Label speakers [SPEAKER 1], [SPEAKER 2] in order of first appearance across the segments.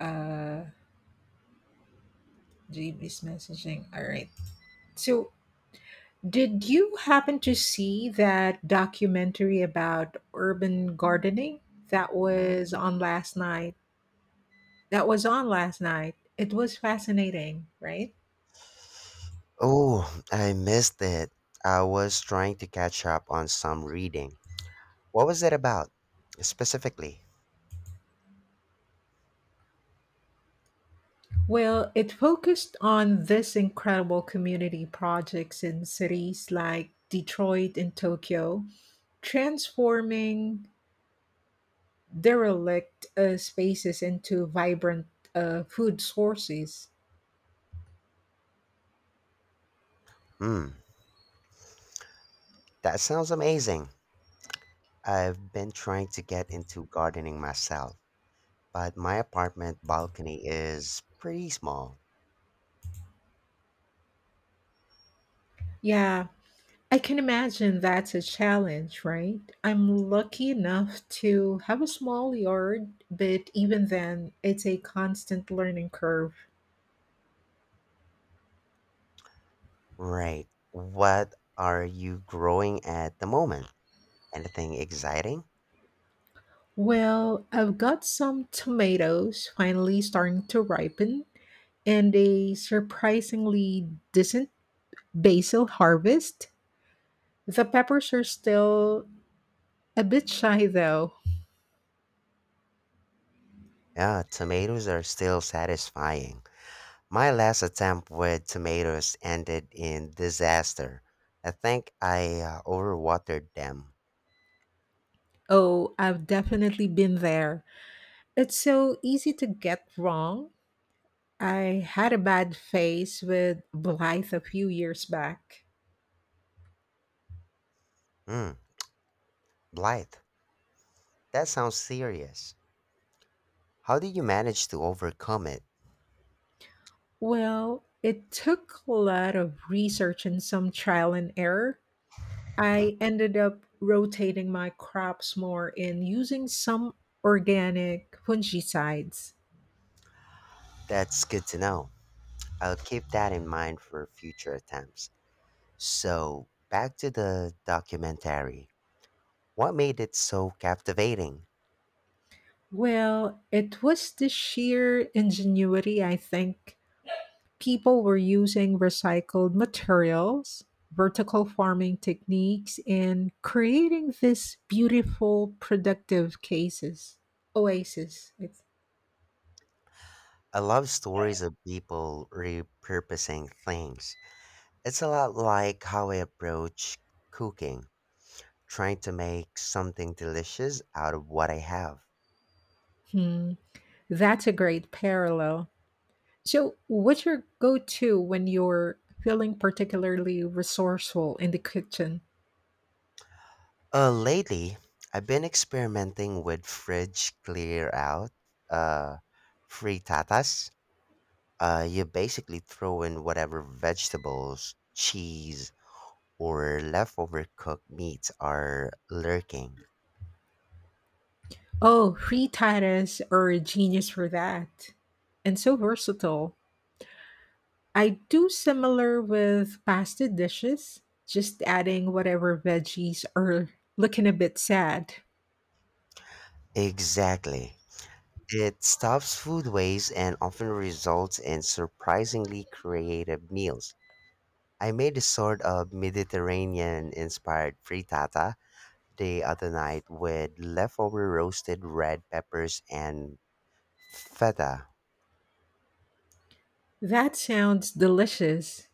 [SPEAKER 1] uh Read is messaging, all right. So did you happen to see that documentary about urban gardening that was on last night? It was fascinating, right?
[SPEAKER 2] Oh, I missed it. I was trying to catch up on some reading. What was it about, specifically?
[SPEAKER 1] Well, it focused on this incredible community projects in cities like Detroit and Tokyo, transforming derelict spaces into vibrant food sources.
[SPEAKER 2] Hmm, that sounds amazing. I've been trying to get into gardening myself, but my apartment balcony is pretty small.
[SPEAKER 1] Yeah, I can imagine that's a challenge, right? I'm lucky enough to have a small yard, but even then, it's a constant learning curve.
[SPEAKER 2] Right. What are you growing at the moment? Anything exciting?
[SPEAKER 1] Well, I've got some tomatoes finally starting to ripen and a surprisingly decent basil harvest. The peppers are still a bit shy though.
[SPEAKER 2] Yeah, tomatoes are still satisfying. My last attempt with tomatoes ended in disaster. I think I overwatered them.
[SPEAKER 1] Oh, I've definitely been there. It's so easy to get wrong. I had a bad phase with Blythe a few years back.
[SPEAKER 2] Hmm, Blythe, that sounds serious. How did you manage to overcome it?
[SPEAKER 1] Well, it took a lot of research and some trial and error. I ended up rotating my crops more and using some organic fungicides.
[SPEAKER 2] That's good to know. I'll keep that in mind for future attempts. So, back to the documentary. What made it so captivating?
[SPEAKER 1] Well, it was the sheer ingenuity, I think, people were using recycled materials, vertical farming techniques, and creating this beautiful productive cases. Oasis. It's,
[SPEAKER 2] I love stories of people repurposing things. It's a lot like how I approach cooking, trying to make something delicious out of what I have.
[SPEAKER 1] hmm. That's a great parallel. So, what's your go to when you're feeling particularly resourceful in the kitchen?
[SPEAKER 2] Lately, I've been experimenting with fridge clear out, uh, frittatas. You basically throw in whatever vegetables, cheese, or leftover cooked meats are lurking.
[SPEAKER 1] Oh, free Titus are a genius for that. And so versatile. I do similar with pasta dishes, just adding whatever veggies are looking a bit sad.
[SPEAKER 2] Exactly. It stops food waste and often results in surprisingly creative meals. I made a sort of Mediterranean inspired frittata the other night with leftover roasted red peppers and feta.
[SPEAKER 1] That sounds delicious.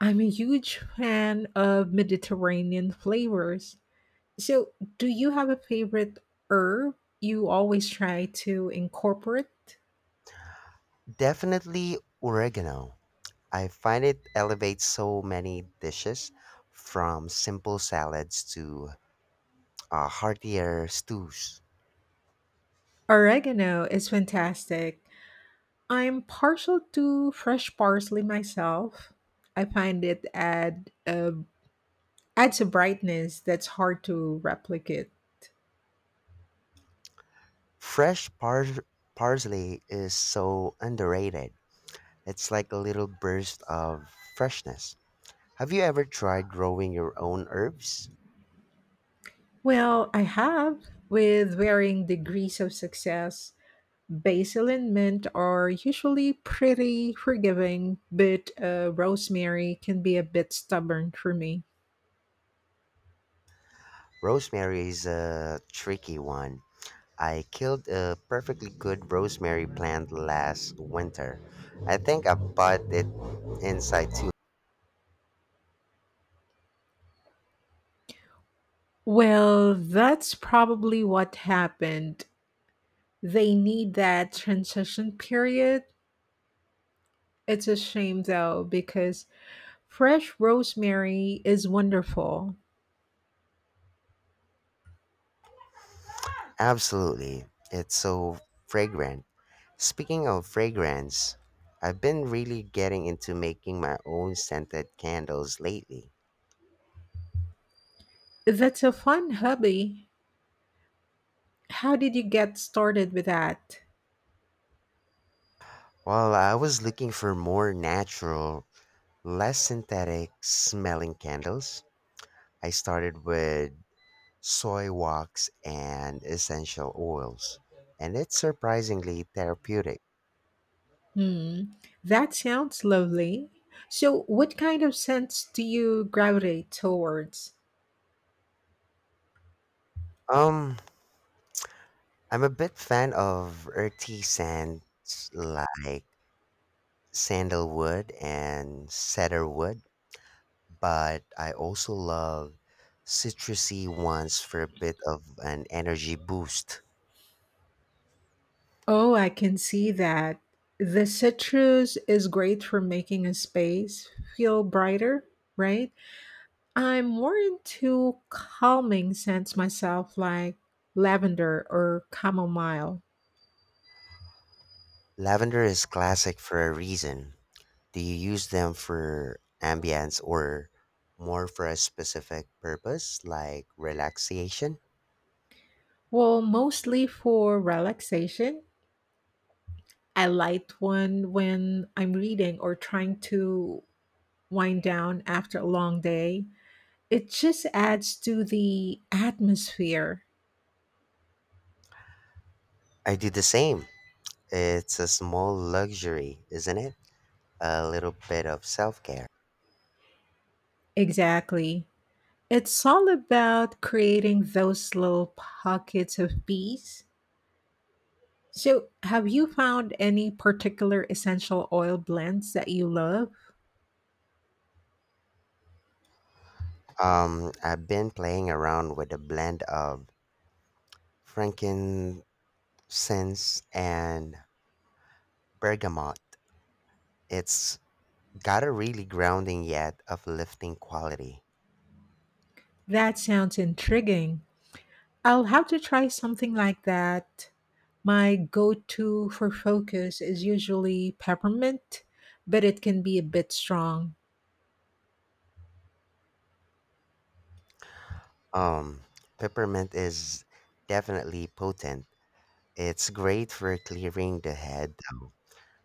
[SPEAKER 1] I'm a huge fan of Mediterranean flavors. So, do you have a favorite herb you always try to incorporate?
[SPEAKER 2] Definitely oregano. I find it elevates so many dishes from simple salads to heartier stews.
[SPEAKER 1] Oregano is fantastic. I'm partial to fresh parsley myself. I find it adds a brightness that's hard to replicate.
[SPEAKER 2] Fresh pars- parsley is so underrated. It's like a little burst of freshness. Have you ever tried growing your own herbs?
[SPEAKER 1] Well, I have, with varying degrees of success. Basil and mint are usually pretty forgiving, but rosemary can be a bit stubborn for me.
[SPEAKER 2] Rosemary is a tricky one. I killed a perfectly good rosemary plant last winter. I think I bought it inside too.
[SPEAKER 1] Well, that's probably what happened. They need that transition period. It's a shame though, because fresh rosemary is wonderful.
[SPEAKER 2] Absolutely. It's so fragrant. Speaking of fragrance, I've been really getting into making my own scented candles lately.
[SPEAKER 1] That's a fun hobby. How did you get started with that?
[SPEAKER 2] While I was looking for more natural, less synthetic smelling candles, I started with soy wax and essential oils, and it's surprisingly therapeutic.
[SPEAKER 1] Hmm, that sounds lovely. So, what kind of scents do you gravitate towards?
[SPEAKER 2] Um, I'm a bit fan of earthy scents like sandalwood and cedarwood, but I also love citrusy ones for a bit of an energy boost.
[SPEAKER 1] Oh, I can see that. The citrus is great for making a space feel brighter, right? I'm more into calming scents myself, like lavender or chamomile.
[SPEAKER 2] Lavender is classic for a reason. Do you use them for ambience or more for a specific purpose like relaxation?
[SPEAKER 1] Well, mostly for relaxation. I light one when I'm reading or trying to wind down after a long day. It just adds to the atmosphere.
[SPEAKER 2] I do the same. It's a small luxury, isn't it? A little bit of self care.
[SPEAKER 1] Exactly. It's all about creating those little pockets of peace. So, have you found any particular essential oil blends that you love?
[SPEAKER 2] I've been playing around with a blend of frankincense and bergamot. It's got a really grounding yet uplifting quality.
[SPEAKER 1] That sounds intriguing. I'll have to try something like that. My go to for focus is usually peppermint, but it can be a bit strong.
[SPEAKER 2] Um, Peppermint is definitely potent. It's great for clearing the head, though.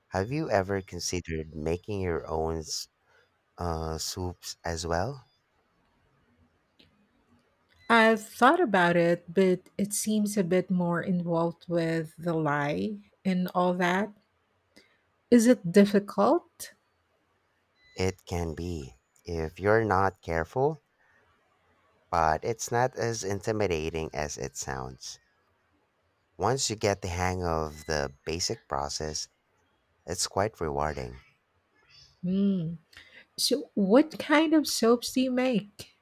[SPEAKER 2] Have you ever considered making your own soups as well?
[SPEAKER 1] I've thought about it, but it seems a bit more involved with the lie and all that. Is it difficult?
[SPEAKER 2] It can be, if you're not careful, but it's not as intimidating as it sounds. Once you get the hang of the basic process, it's quite rewarding.
[SPEAKER 1] Hmm. So, what kind of soaps do you make?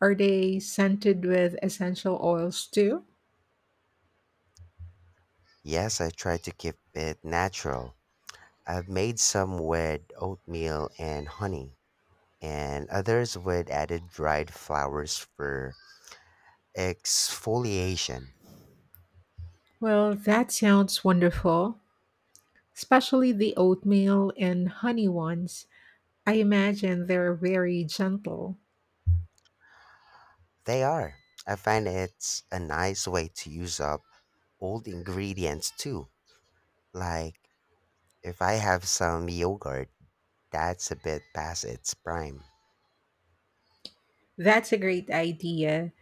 [SPEAKER 1] Are they scented with essential oils too?
[SPEAKER 2] Yes, I try to keep it natural. I've made some with oatmeal and honey, and others with added dried flowers for exfoliation.
[SPEAKER 1] Well, that sounds wonderful, especially the oatmeal and honey ones. I imagine they're very gentle.
[SPEAKER 2] They are. I find it's a nice way to use up old ingredients too, like if I have some yogurt that's a bit past its prime.
[SPEAKER 1] That's a great idea.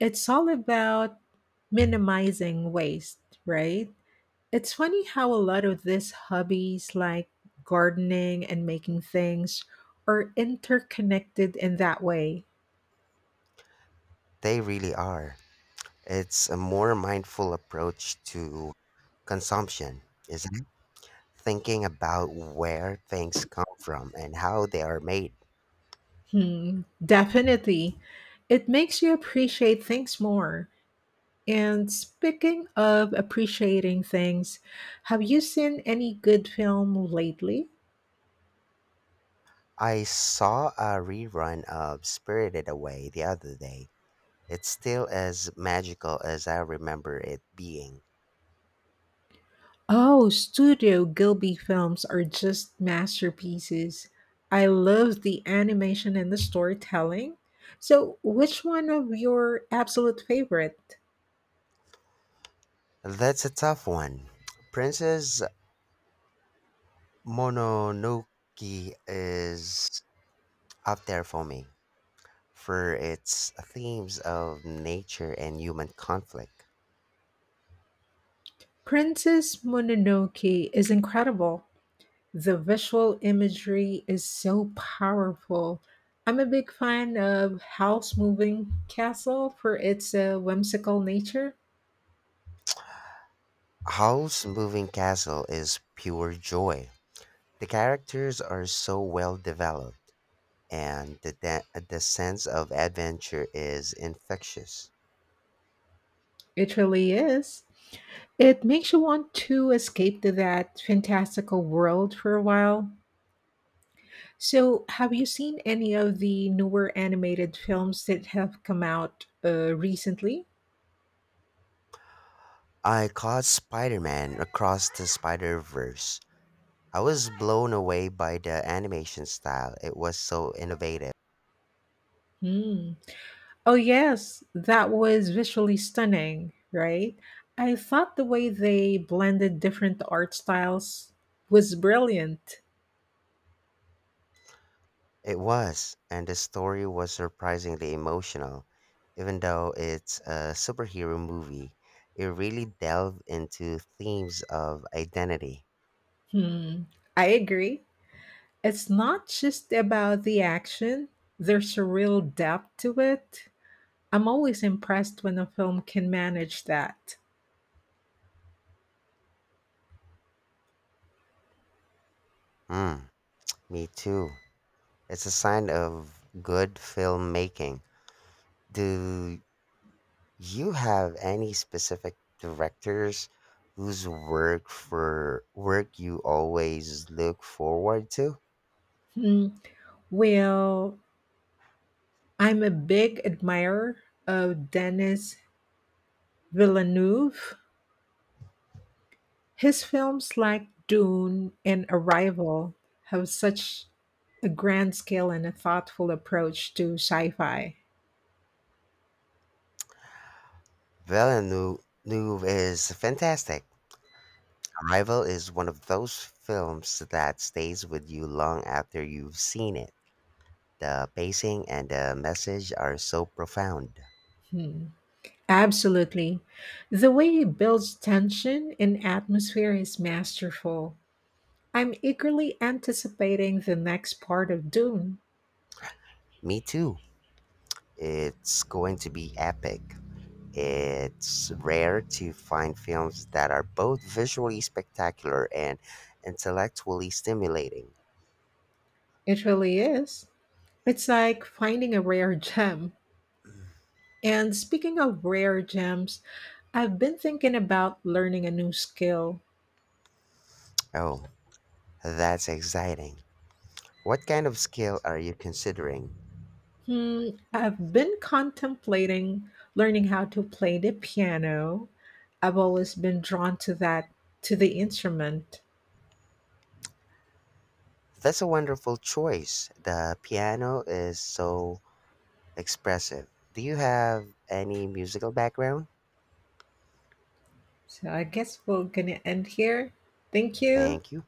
[SPEAKER 1] It's all about minimizing waste, right? It's funny how a lot of these hobbies, like gardening and making things, are interconnected in that way.
[SPEAKER 2] They really are. It's a more mindful approach to consumption, isn't it? Thinking about where things come from and how they are made.
[SPEAKER 1] Hmm, definitely. It makes you appreciate things more. And speaking of appreciating things, have you seen any good film lately?
[SPEAKER 2] I saw a rerun of Spirited Away the other day. It's still as magical as I remember it being.
[SPEAKER 1] Oh, Studio Ghibli films are just masterpieces. I love the animation and the storytelling. So, which one of your absolute favorite?
[SPEAKER 2] That's a tough one. Princess Mononoke is up there for me, for its themes of nature and human conflict.
[SPEAKER 1] Princess Mononoke is incredible. The visual imagery is so powerful. I'm a big fan of House Moving Castle for its whimsical nature.
[SPEAKER 2] Howl's Moving Castle is pure joy. The characters are so well developed, and the sense of adventure is infectious.
[SPEAKER 1] It really is. It makes you want to escape to that fantastical world for a while. So, have you seen any of the newer animated films that have come out recently?
[SPEAKER 2] I caught Spider Man across the Spider Verse. I was blown away by the animation style, it was so innovative.
[SPEAKER 1] Hmm. Oh, yes, that was visually stunning, right? I thought the way they blended different art styles was brilliant.
[SPEAKER 2] It was, and the story was surprisingly emotional. Even though it's a superhero movie, it really delved into themes of identity.
[SPEAKER 1] Hmm. I agree. It's not just about the action, there's a real depth to it. I'm always impressed when a film can manage that.
[SPEAKER 2] Mm, me too. It's a sign of good filmmaking. Do you have any specific directors whose work you always look forward to?
[SPEAKER 1] Hmm. Well, I'm a big admirer of Denis Villeneuve. His films like Dune and Arrival have such a grand scale and a thoughtful approach to sci fi.
[SPEAKER 2] Villeneuve is fantastic. Arrival is one of those films that stays with you long after you've seen it. The pacing and the message are so profound.
[SPEAKER 1] Hmm. Absolutely. The way he builds tension and atmosphere is masterful. I'm eagerly anticipating the next part of Dune.
[SPEAKER 2] Me too. It's going to be epic. It's rare to find films that are both visually spectacular and intellectually stimulating.
[SPEAKER 1] It really is. It's like finding a rare gem. And speaking of rare gems, I've been thinking about learning a new skill.
[SPEAKER 2] Oh, that's exciting. What kind of scale are you considering?
[SPEAKER 1] Hmm, I've been contemplating learning how to play the piano. I've always been drawn to that, to the instrument.
[SPEAKER 2] That's a wonderful choice. The piano is so expressive. Do you have any musical background?
[SPEAKER 1] So I guess we're going to end here. Thank you.
[SPEAKER 2] Thank you.